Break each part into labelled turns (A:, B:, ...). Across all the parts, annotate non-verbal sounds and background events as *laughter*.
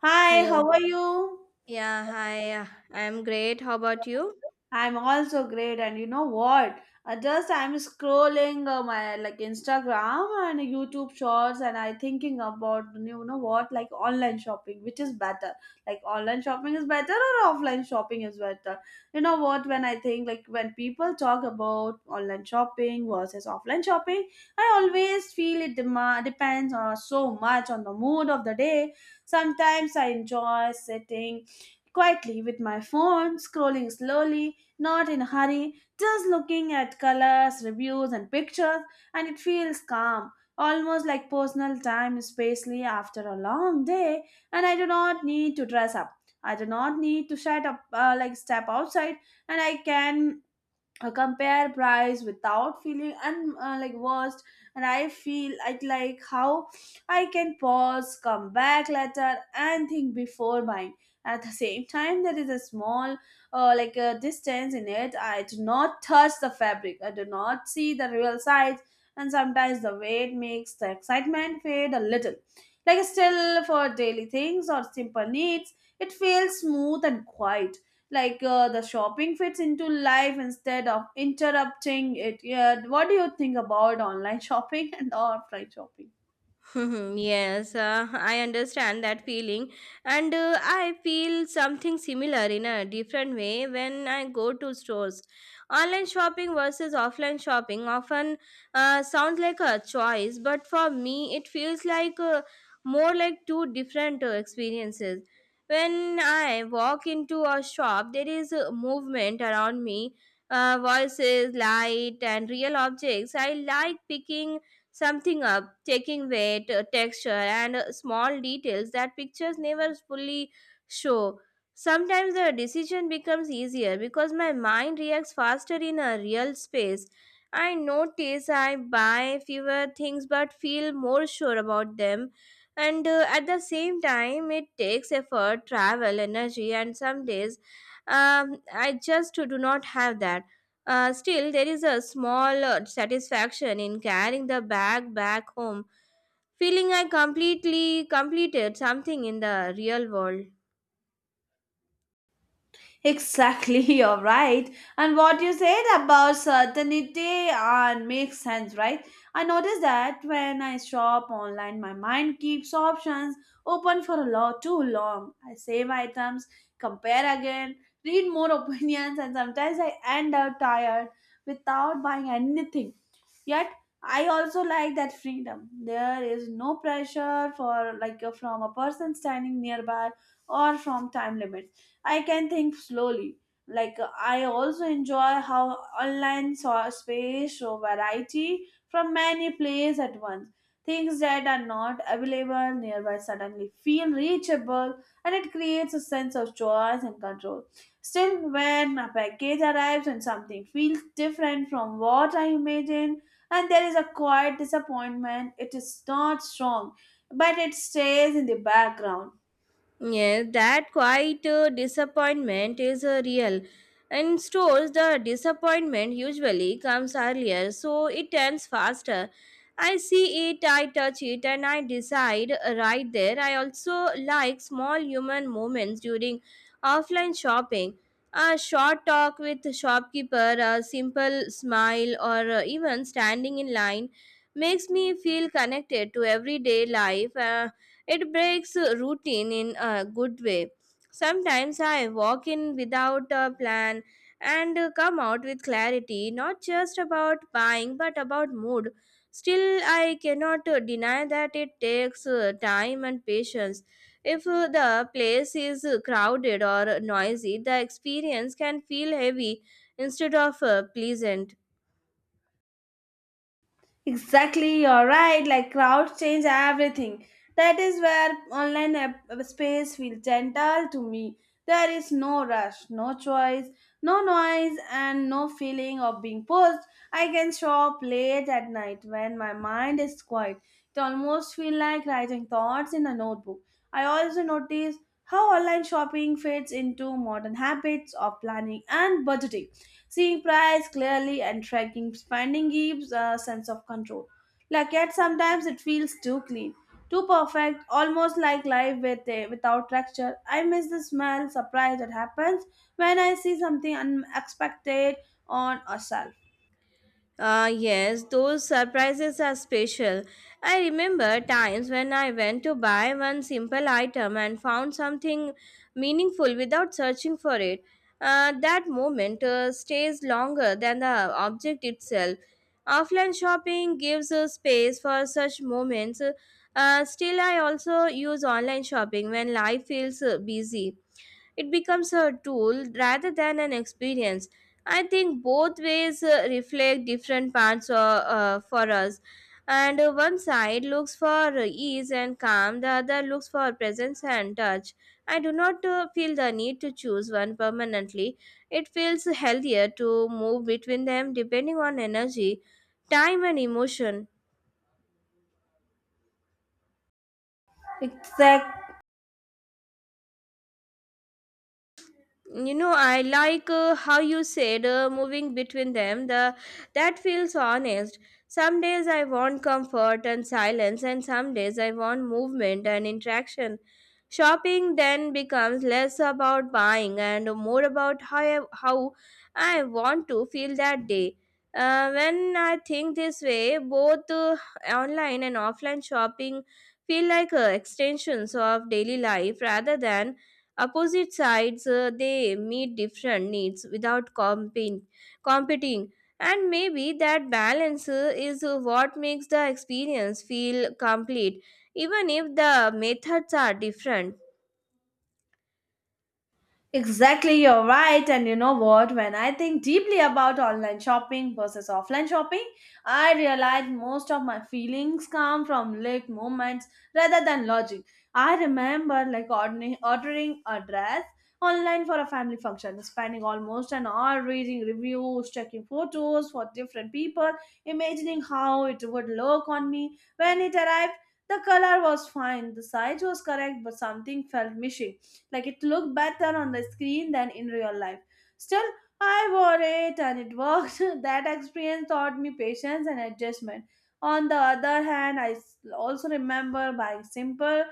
A: Hi,
B: Hello.
A: how are you?
B: Yeah, hi. I'm great. How about you?
A: I'm also great, and you know what? Just I'm scrolling my like Instagram and YouTube shorts, and I thinking about you know what like online shopping, which is better. Like online shopping is better or offline shopping is better. You know what? When I think like when people talk about online shopping versus offline shopping, I always feel it depends on so much on the mood of the day. Sometimes I enjoy sitting quietly with my phone, scrolling slowly, not in a hurry, just looking at colors, reviews, and pictures, and it feels calm, almost like personal time, especially after a long day. And I do not need to dress up. I do not need to shut up, like step outside, and I can compare price without feeling like worst. And I feel like how I can pause, come back later and think before buying. At the same time there is a small, like a distance in it. I do not touch the fabric, I do not see the real size, and sometimes the weight makes the excitement fade a little. Like, still for daily things or simple needs it feels smooth and quiet, like, the shopping fits into life instead of interrupting it. Yeah, what do you think about online *laughs* shopping and offline shopping?
B: *laughs* Mhm. Yes, I understand that feeling, and I feel something similar in a different way when I go to stores. Online shopping versus offline shopping often sounds like a choice, but for me, it feels more like two different experiences. When I walk into a shop, there is a movement around me. Voices, light, and real objects. I like picking something up, taking weight, texture, and small details that pictures never fully show. Sometimes the decision becomes easier because my mind reacts faster in a real space. I notice I buy fewer things but feel more sure about them. And at the same time, it takes effort, travel, energy, and some days I just do not have that. Still, there is a small satisfaction in carrying the bag back home, feeling I completely completed something in the real world.
A: Exactly. *laughs* You're right. And what you said about certainty and makes sense, right? I notice that when I shop online my mind keeps options open for a lot too long. I save items, compare again, read more *laughs* opinions, and sometimes I end up tired without buying anything. Yet I also like that freedom. There is no pressure for like, from a person standing nearby or from time limits. I can think slowly. Like, I also enjoy how online space show variety from many places at once. Things that are not available nearby suddenly feel reachable, and it creates a sense of choice and control. Still, when a package arrives and something feels different from what I imagined, and there is a quiet disappointment. It is not strong, but it stays in the background.
B: Yes, that quiet disappointment is real. In stores, the disappointment usually comes earlier, so it turns faster. I see it, I touch it, and I decide right there. I also like small human moments during offline shopping. A short talk with shopkeeper, a simple smile, or even standing in line makes me feel connected to everyday life. It breaks routine in a good way. Sometimes I walk in without a plan and come out with clarity, not just about buying but about mood. Still, I cannot deny that it takes time and patience. If the place is crowded or noisy, the experience can feel heavy instead of pleasant.
A: Exactly, you're right. Like crowds change everything. That is where online space feels gentle to me. There is no rush, no choice, no noise, and no feeling of being pushed. I can shop late at night when my mind is quiet. It almost feels like writing thoughts in a notebook. I also notice how online shopping fits into modern habits of planning and budgeting. Seeing price clearly and tracking spending gives a sense of control. Like, yet sometimes it feels too clean, too perfect, almost like life without texture. I miss the smell, surprise that happens when I see something unexpected on a shelf.
B: Ah, yes, those surprises are special. I remember times when I went to buy one simple item and found something meaningful without searching for it. That moment stays longer than the object itself. Offline shopping gives space for such moments. Still, I also use online shopping when life feels busy it becomes a tool rather than an experience. I think both ways reflect different parts for us. And one side looks for ease and calm, the other looks for presence and touch. I do not feel the need to choose one permanently. It feels healthier to move between them depending on energy, time, and emotion.
A: Exactly.
B: You know, I like how you said moving between them the that feels honest. Some days I want comfort and silence, and some days I want movement and interaction. Shopping then becomes less about buying and more about how I want to feel that day. When I think this way, both online and offline shopping feel like extensions of daily life rather than opposite sides. They meet different needs without competing, and maybe that balance is what makes the experience feel complete, even if the methods are different.
A: Exactly, you're right. And you know what? When I think deeply about online shopping versus offline shopping, I realize most of my feelings come from late moments rather than logic. I remember like ordering a dress online for a family function, spending almost an hour reading reviews, checking photos for different people, imagining how it would look on me when it arrived. The color was fine, the size was correct, but something felt missing. Like it looked better on the screen than in real life. Still, I wore it and it worked. *laughs* That experience taught me patience and adjustment. On the other hand, also remember buying simple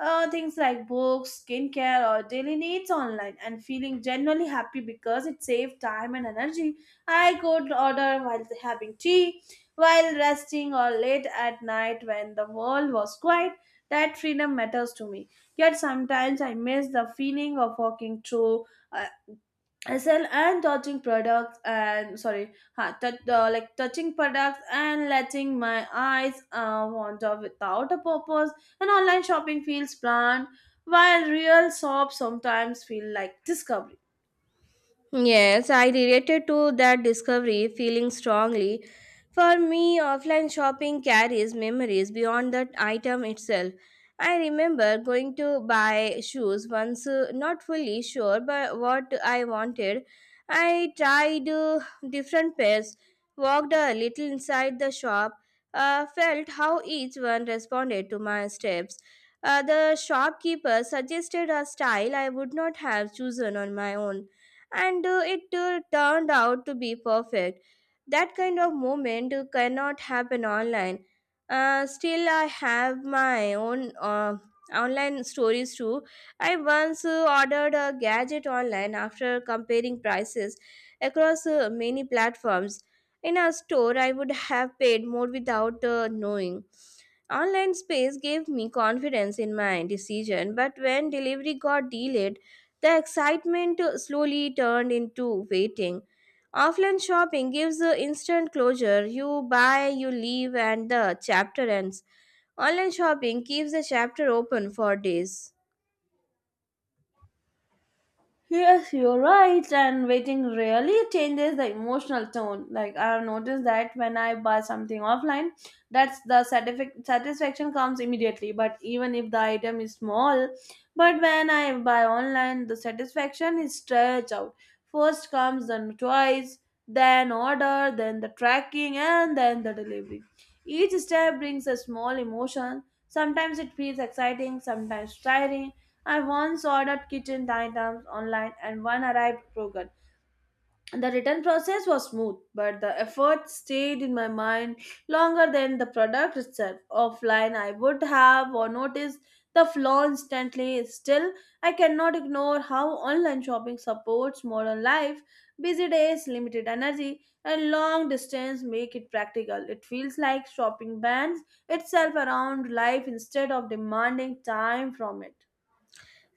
A: things like books, skincare, or daily needs online and feeling genuinely happy because it saved time and energy. I could order while having tea, while resting, or late at night when the world was quiet. That freedom matters to me. Yet sometimes I miss the feeling of walking through uh, SL and touching products and sorry, like touching products and letting my eyes wander without a purpose. And online shopping feels planned, while real shops sometimes feel like discovery.
B: Yes, I related to that discovery feeling strongly. For me, offline shopping carries memories beyond the item itself. I remember going to buy shoes once, not fully sure but what I wanted. I tried different pairs, walked a little inside the shop, felt how each one responded to my steps. The shopkeeper suggested a style I would not have chosen on my own, and it turned out to be perfect. That kind of moment cannot happen online. Still, I have my own online stories too. I once ordered a gadget online after comparing prices across many platforms. In a store, I would have paid more without knowing. Online space gave me confidence in my decision, but when delivery got delayed, the excitement slowly turned into waiting. Offline shopping gives the instant closure. You buy, you leave, and the chapter ends. Online shopping keeps the chapter open for days.
A: Yes, you're right. And waiting really changes the emotional tone. Like I've noticed that when I buy something offline, that's the satisfaction comes immediately. But even if the item is small, but when I buy online, the satisfaction is stretched out. First comes the choice, then order, then the tracking, and then the delivery. Each step brings a small emotion. Sometimes it feels exciting, sometimes tiring. I once ordered kitchen items online and one arrived broken. The return process was smooth, but the effort stayed in my mind longer than the product itself. Offline, I would have or noticed the flaw instantly. Still, I cannot ignore how online shopping supports modern life. Busy days, limited energy, and long distance make it practical. It feels like shopping bans itself around life instead of demanding time from it.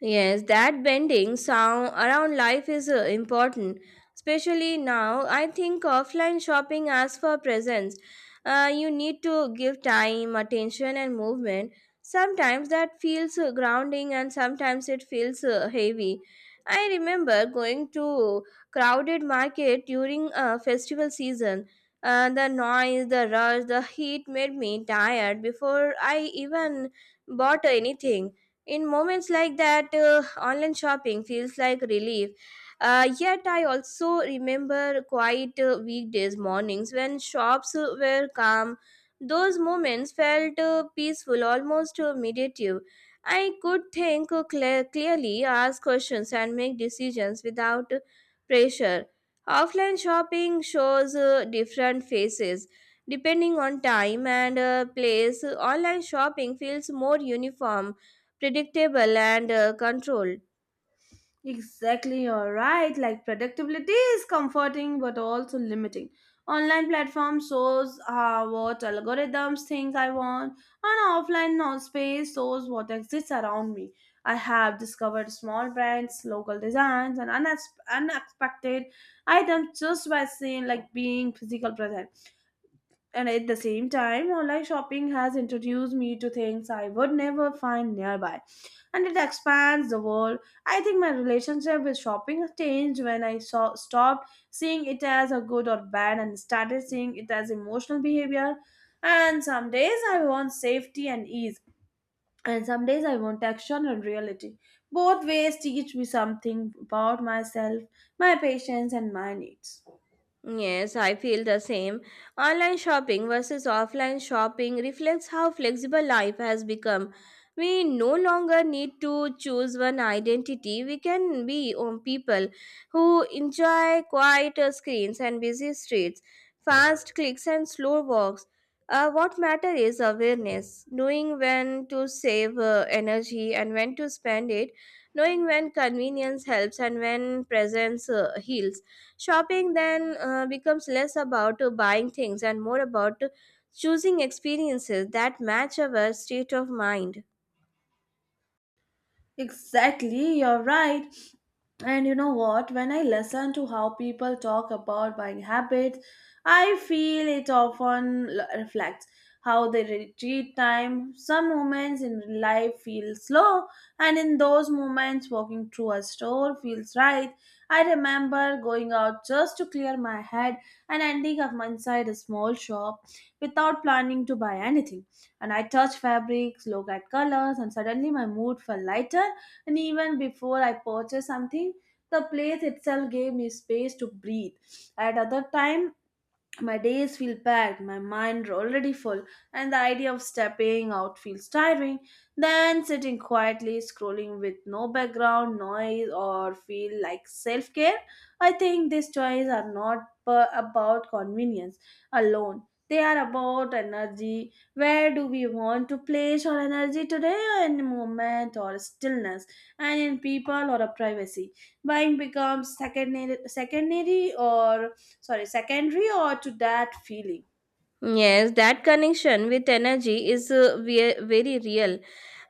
B: Yes, that bending sound around life is important, especially now. I think offline shopping as for presents. You need to give time, attention, and movement. Sometimes that feels grounding, and sometimes it feels heavy. I remember going to crowded market during festival season. The noise, the rush, the heat made me tired before I even bought anything. In moments like that, online shopping feels like relief. Yet I also remember quiet weekdays mornings when shops were calm. Those moments felt peaceful, almost meditative. I could think clearly, ask questions and make decisions without pressure. Offline shopping shows different faces depending on time and place. Online shopping feels more uniform, predictable, and controlled.
A: Exactly, you're right. Like predictability is comforting but also limiting. Online platform shows what algorithms think I want, and offline space shows what exists around me. I have discovered small brands, local designs, and unexpected items just by seeing like being physical present. And at the same time, online shopping has introduced me to things I would never find nearby, and it expands the world. I think my relationship with shopping changed when I saw stopped seeing it as a good or bad and started seeing it as emotional behavior. And some days I want safety and ease, and some days I want action and reality. Both ways teach me something about myself, my patience, and my needs.
B: Yes, I feel the same. Online shopping versus offline shopping reflects how flexible life has become. We no longer need to choose one identity. We can be people who enjoy quiet screens and busy streets, fast clicks and slow walks. What matters is awareness, knowing when to save energy and when to spend it, knowing when convenience helps and when presence heals. Shopping then becomes less about buying things and more about choosing experiences that match our state of mind.
A: Exactly, you're right. And you know what? When I listen to how people talk about buying habits, I feel it often reflects how they treat time. Some moments in life feel slow, and in those moments, walking through a store feels right. I remember going out just to clear my head and ending up inside a small shop without planning to buy anything. And I touched fabrics, looked at colors, and suddenly my mood felt lighter. And even before I purchased something, the place itself gave me space to breathe. At other time, my days feel packed, my mind already full, and the idea of stepping out feels tiring. Then sitting quietly, scrolling with no background noise or feel like self care. I think these toys are not about convenience alone. They are about energy. Where do we want to place our energy today? In movement or stillness, and in people or a privacy. Buying becomes secondary or to that feeling.
B: Yes, that connection with energy is very real.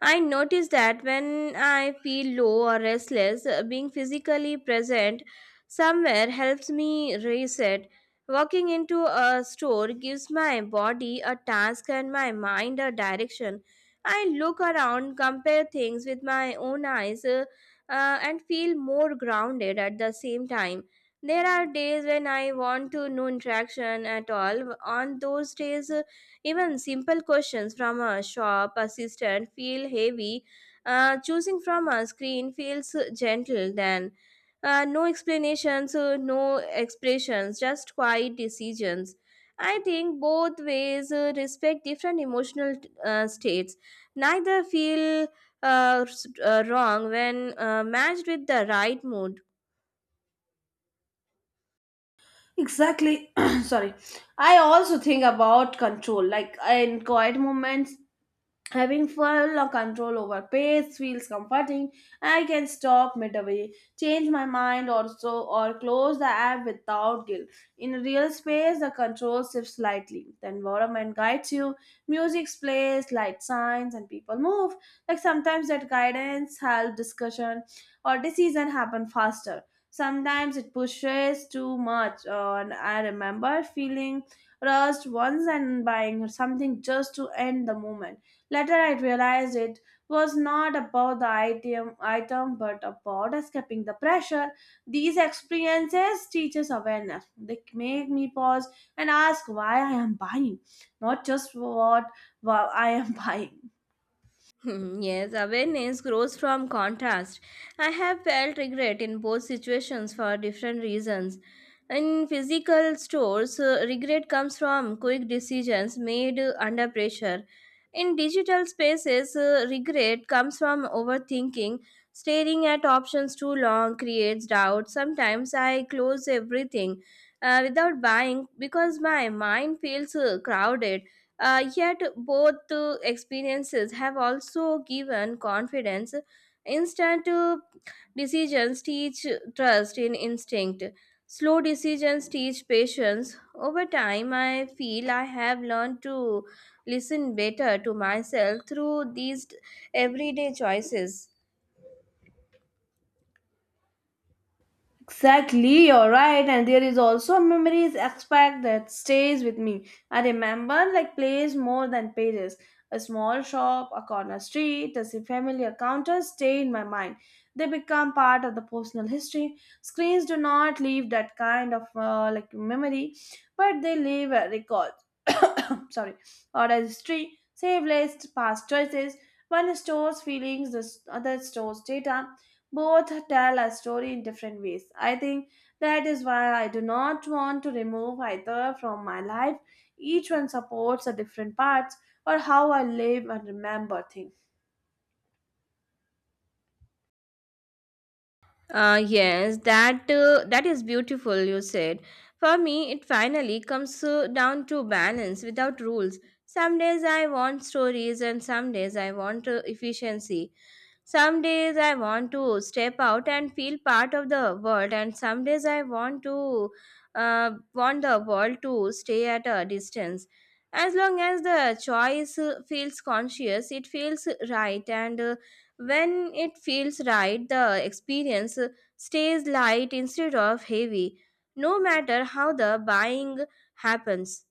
B: I notice that when I feel low or restless, being physically present somewhere helps me reset. Walking into a store gives my body a task and my mind a direction. I look around, compare things with my own eyes, and feel more grounded at the same time. There are days when I want to no interaction at all. On those days, even simple questions from a shop assistant feel heavy. Choosing from a screen feels gentle then. No explanations, no expressions, just quiet decisions. I think both ways respect different emotional states. Neither feel wrong when matched with the right mood.
A: Exactly. *clears throat* Sorry. I also think about control, like in quiet moments. Having full control over pace feels comforting. I can stop midway, change my mind or so, or close the app without guilt. In real space, the control shifts slightly. The environment guides you, music plays, light signs, and people move. Like sometimes that guidance helps discussion or decision happen faster. Sometimes it pushes too much. And I remember feeling rushed once and buying something just to end the moment. Later, I realized it was not about item but about escaping the pressure. These experiences teach us awareness. They make me pause and ask why I am buying, not just what I am *laughs* buying.
B: *laughs* Hmm, yes, awareness grows from contrast. I have felt regret in both situations for different reasons. In physical stores, regret comes from quick decisions made under pressure. In digital spaces, regret comes from overthinking. Staring at options too long creates doubt. Sometimes I close everything without buying because my mind feels crowded. Yet, both experiences have also given confidence. Instant decisions teach trust in instinct. Slow decisions teach patience. Over time, I feel I have learned to listen better to myself through these everyday choices.
A: Exactly, you're right. And there is also a memories aspect that stays with me. I remember like place more than pages. A small shop, a corner street, a familiar counter stay in my mind. They become part of the personal history. Screens do not leave that kind of like memory, but they leave a record. *coughs* Sorry, or a history, save list, past choices. One stores feelings, the other stores data. Both tell a story in different ways. I think that is why I do not want to remove either from my life. Each one supports a different parts or how I live and remember things.
B: Uh, yes, that is beautiful. You said. For me, it finally comes down to balance without rules. Some days I want stories, and some days I want efficiency. Some days I want to step out and feel part of the world, and some days I want to want the world to stay at a distance. As long as the choice feels conscious, it feels right, and when it feels right, the experience stays light instead of heavy, no matter how the buying happens.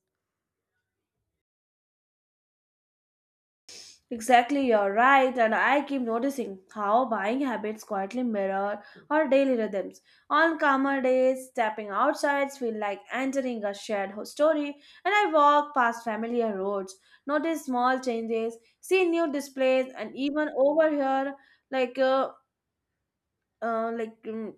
A: Exactly, you're right, and I keep noticing how buying habits quietly mirror our daily rhythms. On calmer days, stepping outside feels like entering a shared story, and I walk past familiar roads, notice small changes, see new displays, and even overhear like uh, uh, like mm,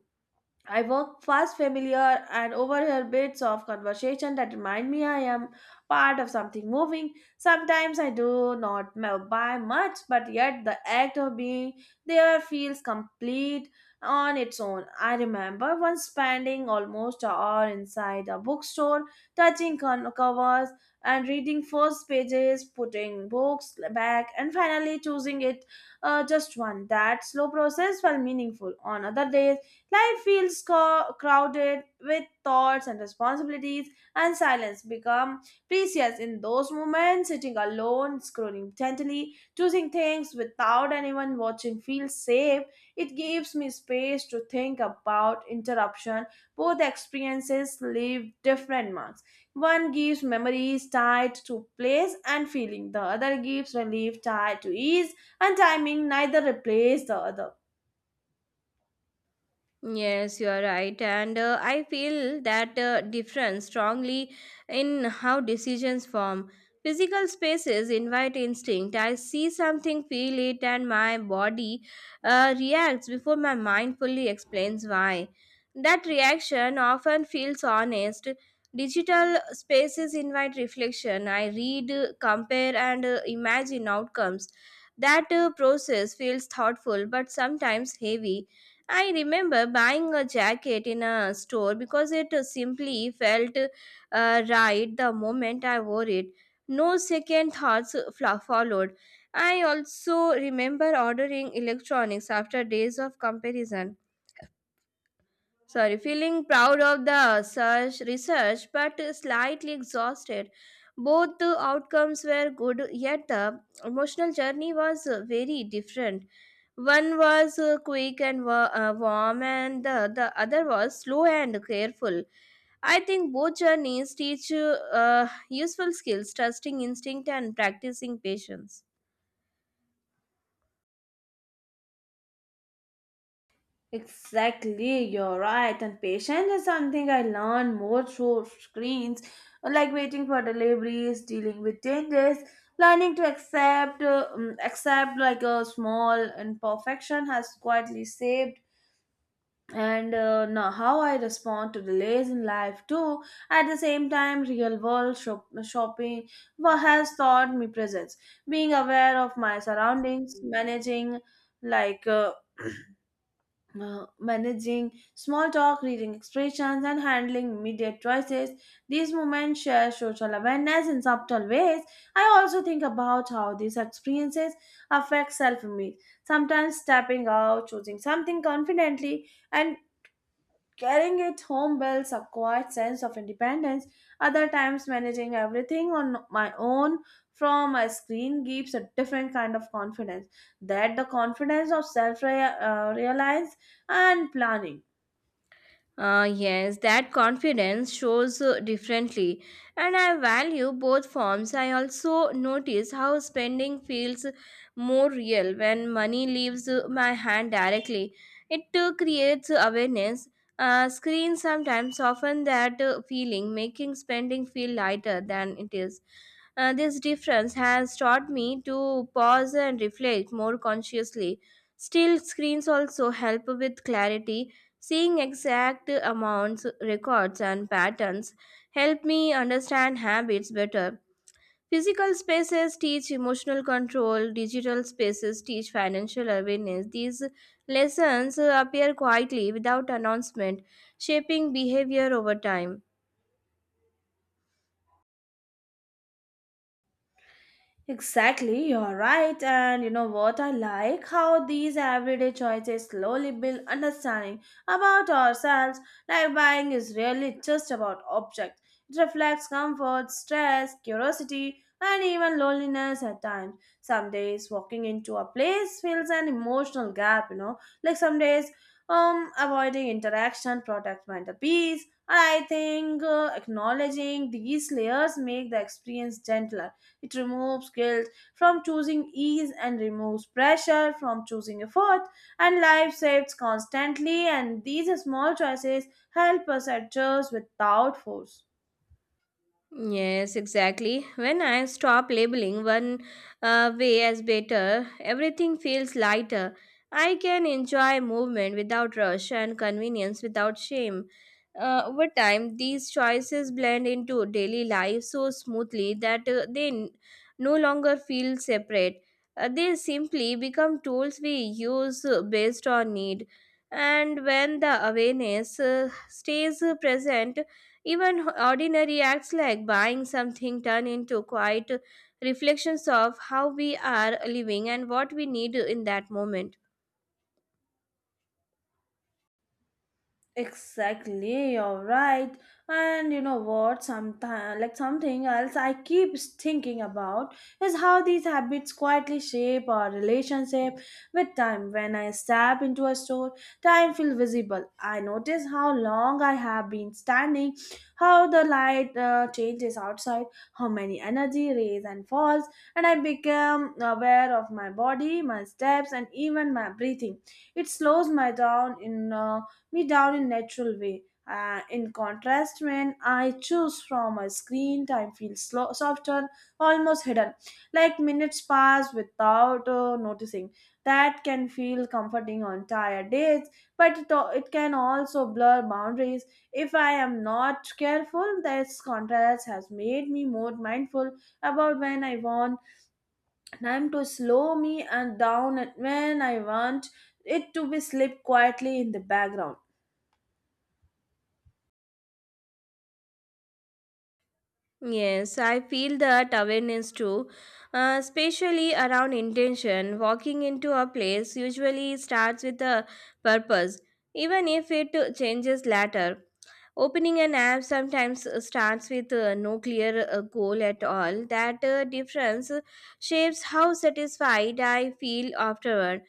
A: I walk fast, familiar, and overhear bits of conversation that remind me I am part of something moving. Sometimes I do not buy much, but yet the act of being there feels complete on its own. I remember once spending almost an hour inside a bookstore, touching covers and reading first pages, putting books back, and finally choosing it, just one. That slow process felt meaningful. On other days, life feels crowded with thoughts and responsibilities, and silence become precious in those moments. Sitting alone, scrolling gently, choosing things without anyone watching feels safe. It gives me space to think about interruption. Both experiences leave different marks. One gives memories tied to place and feeling. The other gives relief tied to ease and timing. Neither replace the other.
B: Yes, you are right. And I feel that difference strongly in how decisions form. Physical spaces invite instinct. I see something, feel it, and my body reacts before my mind fully explains why. That reaction often feels honest. Digital spaces invite reflection. I read, compare, and imagine outcomes. That process feels thoughtful but sometimes heavy. I remember buying a jacket in a store because it simply felt right the moment I wore it. No second thoughts followed. I also remember ordering electronics after days of comparison, sorry, feeling proud of the search research, but slightly exhausted. Both the outcomes were good, yet the emotional journey was very different. One was uh, quick and warm, and the other was slow and careful. I think both journeys teach you useful skills, trusting instinct and practicing patience.
A: Exactly, you're right. And patience is something I learned more through screens, like waiting for deliveries, dealing with changes, learning to accept, accept like a small imperfection has quietly saved. And now how I respond to delays in life too. At the same time, real world shopping has taught me presence, being aware of my surroundings, managing like. Uh, *clears throat* managing small talk, reading expressions, and handling immediate choices. These moments share social awareness in subtle ways. I also think about how these experiences affect self image. Sometimes stepping out, choosing something confidently, and carrying it home builds a quiet sense of independence. Other times, managing everything on my own from a screen gives a different kind of confidence. That the confidence of self-reliance and planning.
B: Yes, that confidence shows differently, and I value both forms. I also notice how spending feels more real when money leaves my hand directly. It creates awareness. Screens sometimes soften that feeling, making spending feel lighter than it is. This difference has taught me to pause and reflect more consciously. Still, screens also help with clarity. Seeing exact amounts, records, and patterns help me understand habits better. Physical spaces teach emotional control, digital spaces teach financial awareness. These lessons appear quietly without announcement, shaping behavior over time.
A: Exactly, you're right. And you know what? I like how these everyday choices slowly build understanding about ourselves. Like buying is really just about objects, it reflects comfort, stress, curiosity, and even loneliness at times. Some days walking into a place feels an emotional gap, you know. Like some days, avoiding interaction protects mental peace. And I think acknowledging these layers make the experience gentler, it removes guilt from choosing ease and removes pressure from choosing effort, and life shifts constantly, and these small choices help us adjust without force.
B: Yes, exactly. When I stop labeling one way as better, everything feels lighter. I can enjoy movement without rush and convenience without shame. Over time, these choices blend into daily life so smoothly that no longer feel separate. They simply become tools we use based on need. And when the awareness stays present, even ordinary acts like buying something turn into quiet reflections of how we are living and what we need in that moment.
A: Exactly, you're right. And you know what? Sometimes, like something else I keep thinking about is how these habits quietly shape our relationship with time. When I step into a store, time feels visible. I notice how long I have been standing, how the light changes outside, how many energy rays and falls, and I become aware of my body, my steps, and even my breathing. It slows my down in. Me down in natural way. In contrast, when I choose from a screen, time feels slow, softer, almost hidden. Like minutes pass without noticing. That can feel comforting on tired days, but it can also blur boundaries. If I am not careful, this contrast has made me more mindful about when I want time to slow me and down and when I want it to be sleep quietly in the background.
B: Yes, I feel that awareness too, especially around intention. Walking into a place usually starts with a purpose, even if it changes later. Opening an app sometimes starts with no clear goal at all. That difference shapes how satisfied I feel afterward.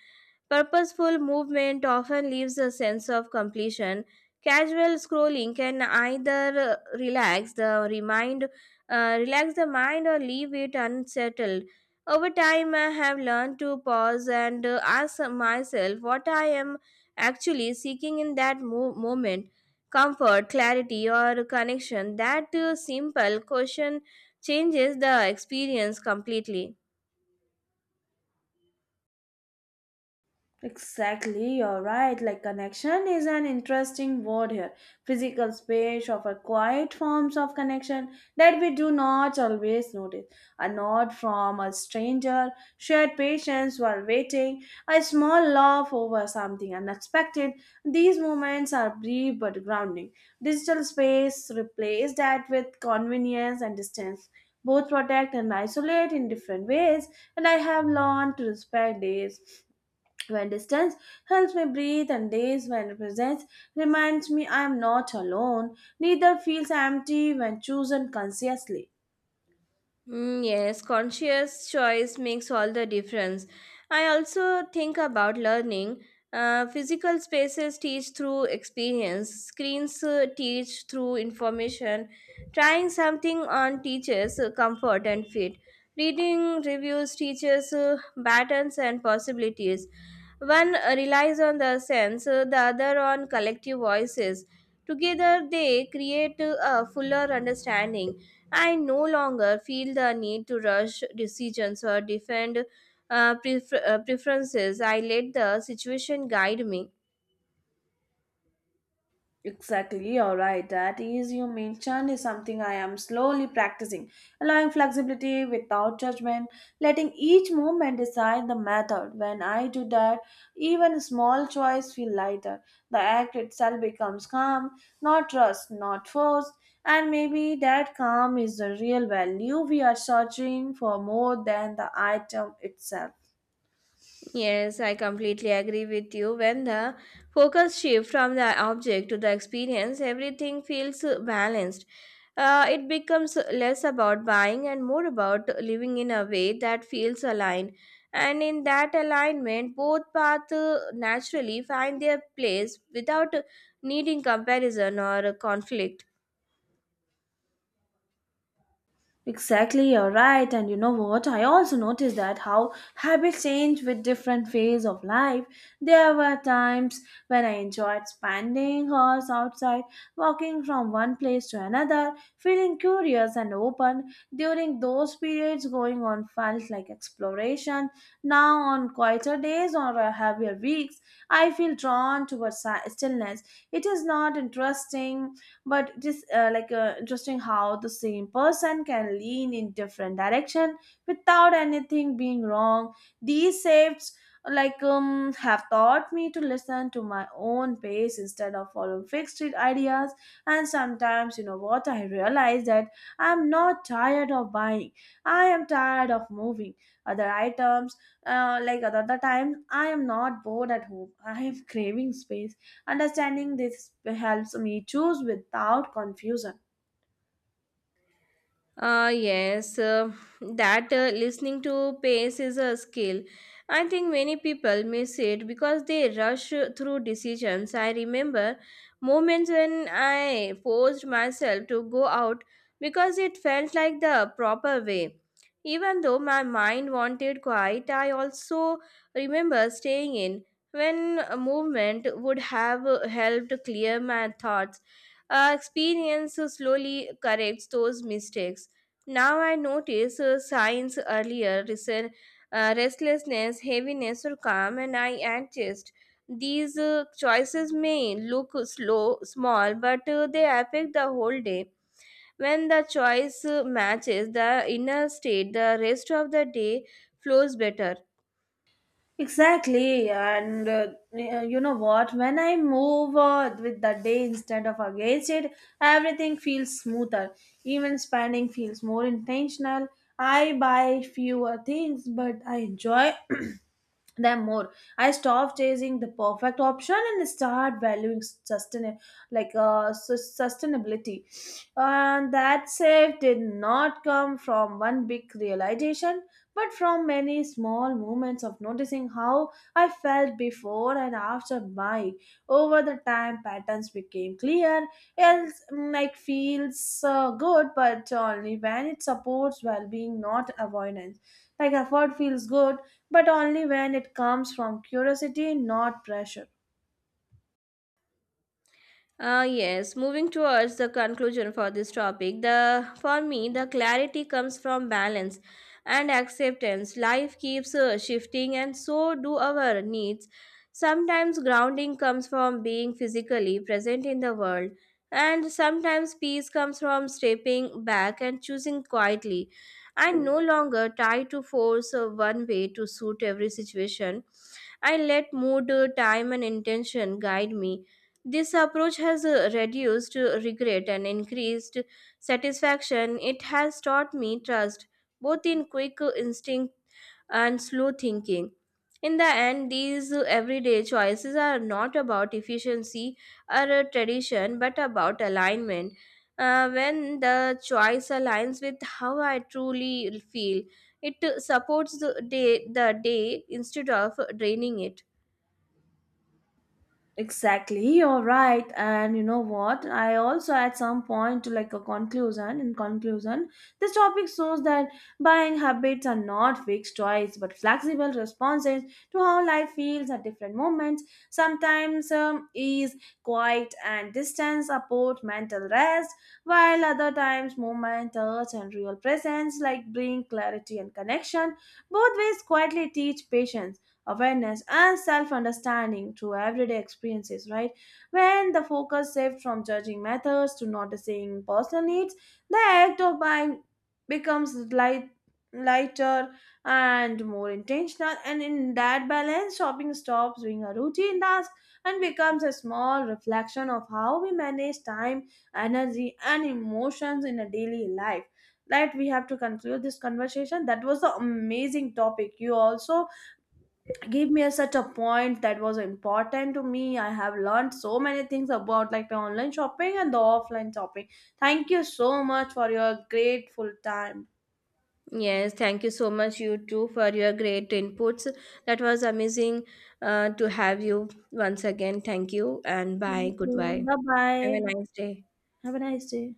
B: Purposeful movement often leaves a sense of completion. Casual scrolling can either relax the mind or leave it unsettled. Over time, I have learned to pause and ask myself what I am actually seeking in that moment: comfort, clarity, or connection. That simple question changes the experience completely.
A: Exactly, you're right. Like connection is an interesting word here. Physical space offer quiet forms of connection that we do not always notice. A nod from a stranger, shared patience while waiting, a small laugh over something unexpected. These moments are brief but grounding. Digital space replaces that with convenience and distance. Both protect and isolate in different ways, and I have learned to respect these. When distance helps me breathe, and days when presence reminds me I am not alone, neither feels empty when chosen consciously.
B: Mm, yes, conscious choice makes all the difference. I also think about learning. Physical spaces teach through experience, screens teach through information. Trying something on teaches comfort and fit. Reading reviews teaches patterns and possibilities. One relies on the sense, the other on collective voices. Together, they create a fuller understanding. I no longer feel the need to rush decisions or defend preferences. I let the situation guide me.
A: Exactly, you're right. That ease you mentioned is something I am slowly practicing, allowing flexibility without judgment, letting each movement decide the method. When I do that, even a small choice feel lighter. The act itself becomes calm, not rushed, not forced, and maybe that calm is the real value we are searching for more than the item itself.
B: Yes, I completely agree with you. When the focus shifts from the object to the experience, everything feels balanced. It becomes less about buying and more about living in a way that feels aligned. And in that alignment, both paths naturally find their place without needing comparison or conflict.
A: Exactly, you're right. And you know what? I also noticed that how habits change with different phase of life. There were times when I enjoyed spending hours outside, walking from one place to another, feeling curious and open. During those periods, going on felt like exploration. Now, on quieter days or heavier weeks, I feel drawn towards stillness. It is not interesting but it is interesting how the same person can lean in different direction without anything being wrong. These shifts have taught me to listen to my own pace instead of following fixed ideas. And sometimes, you know what, I realize that I'm not tired of buying, I am tired of moving other items. Like other the times I am not bored at home, I am *laughs* craving space. Understanding this helps me choose without confusion.
B: Uh, yes, uh, that listening to pace is a skill. I think many people miss it because they rush through decisions. I remember moments when I forced myself to go out because it felt like the proper way. Even though my mind wanted quiet, I also remember staying in when a movement would have helped clear my thoughts. Experience slowly corrects those mistakes. Now I notice signs earlier, restlessness, heaviness, or calm, and I adjust. These choices may look slow, small, but they affect the whole day. When the choice matches the inner state, the rest of the day flows better.
A: Exactly, and you know what? When I move with the day instead of against it, everything feels smoother. Even spending feels more intentional. I buy fewer things, but I enjoy *clears throat* them more. I stop chasing the perfect option and start valuing sustain, like sustainability, and that save did not come from one big realization, but from many small moments of noticing how I felt before and after my, over the time patterns became clear. Else, it feels good, but only when it supports well being, not avoidance. Like effort feels good, but only when it comes from curiosity, not pressure.
B: Yes, moving towards the conclusion for this topic, the for me the clarity comes from balance and acceptance. Life keeps shifting, and so do our needs. Sometimes grounding comes from being physically present in the world, and sometimes peace comes from stepping back and choosing quietly. I'm no longer tied to force one way to suit every situation. I let mood, time, and intention guide me. This approach has reduced regret and increased satisfaction. It has taught me trust, both in quick instinct and slow thinking. In the end, these everyday choices are not about efficiency or tradition, but about alignment. When the choice aligns with how I truly feel, it the day instead of draining it.
A: Exactly, you're right. And you know what? I also at some point to like a conclusion. In conclusion, this topic shows that buying habits are not fixed choice but flexible responses to how life feels at different moments. Sometimes ease, quiet, and distance support mental rest, while other times movement, touch, and real presence like bring clarity and connection. Both ways quietly teach patience awareness and self understanding through everyday experiences, right? When the focus shifts from judging methods to noticing personal needs, the act of buying becomes light, lighter and more intentional, and in that balance, shopping stops being a routine task and becomes a small reflection of how we manage time, energy, and emotions in a daily life. Right, we have to conclude this conversation. That was an amazing topic. You also give me a, such a point that was important to me. I have learned so many things about like the online shopping and the offline shopping. Thank you so much for your grateful time.
B: Yes, thank you so much, you too, for your great inputs. That was amazing to have you once again. Thank you and bye.
A: Thank you.
B: Goodbye.
A: Bye
B: Have a
A: bye.
B: nice day.
A: Have a nice day.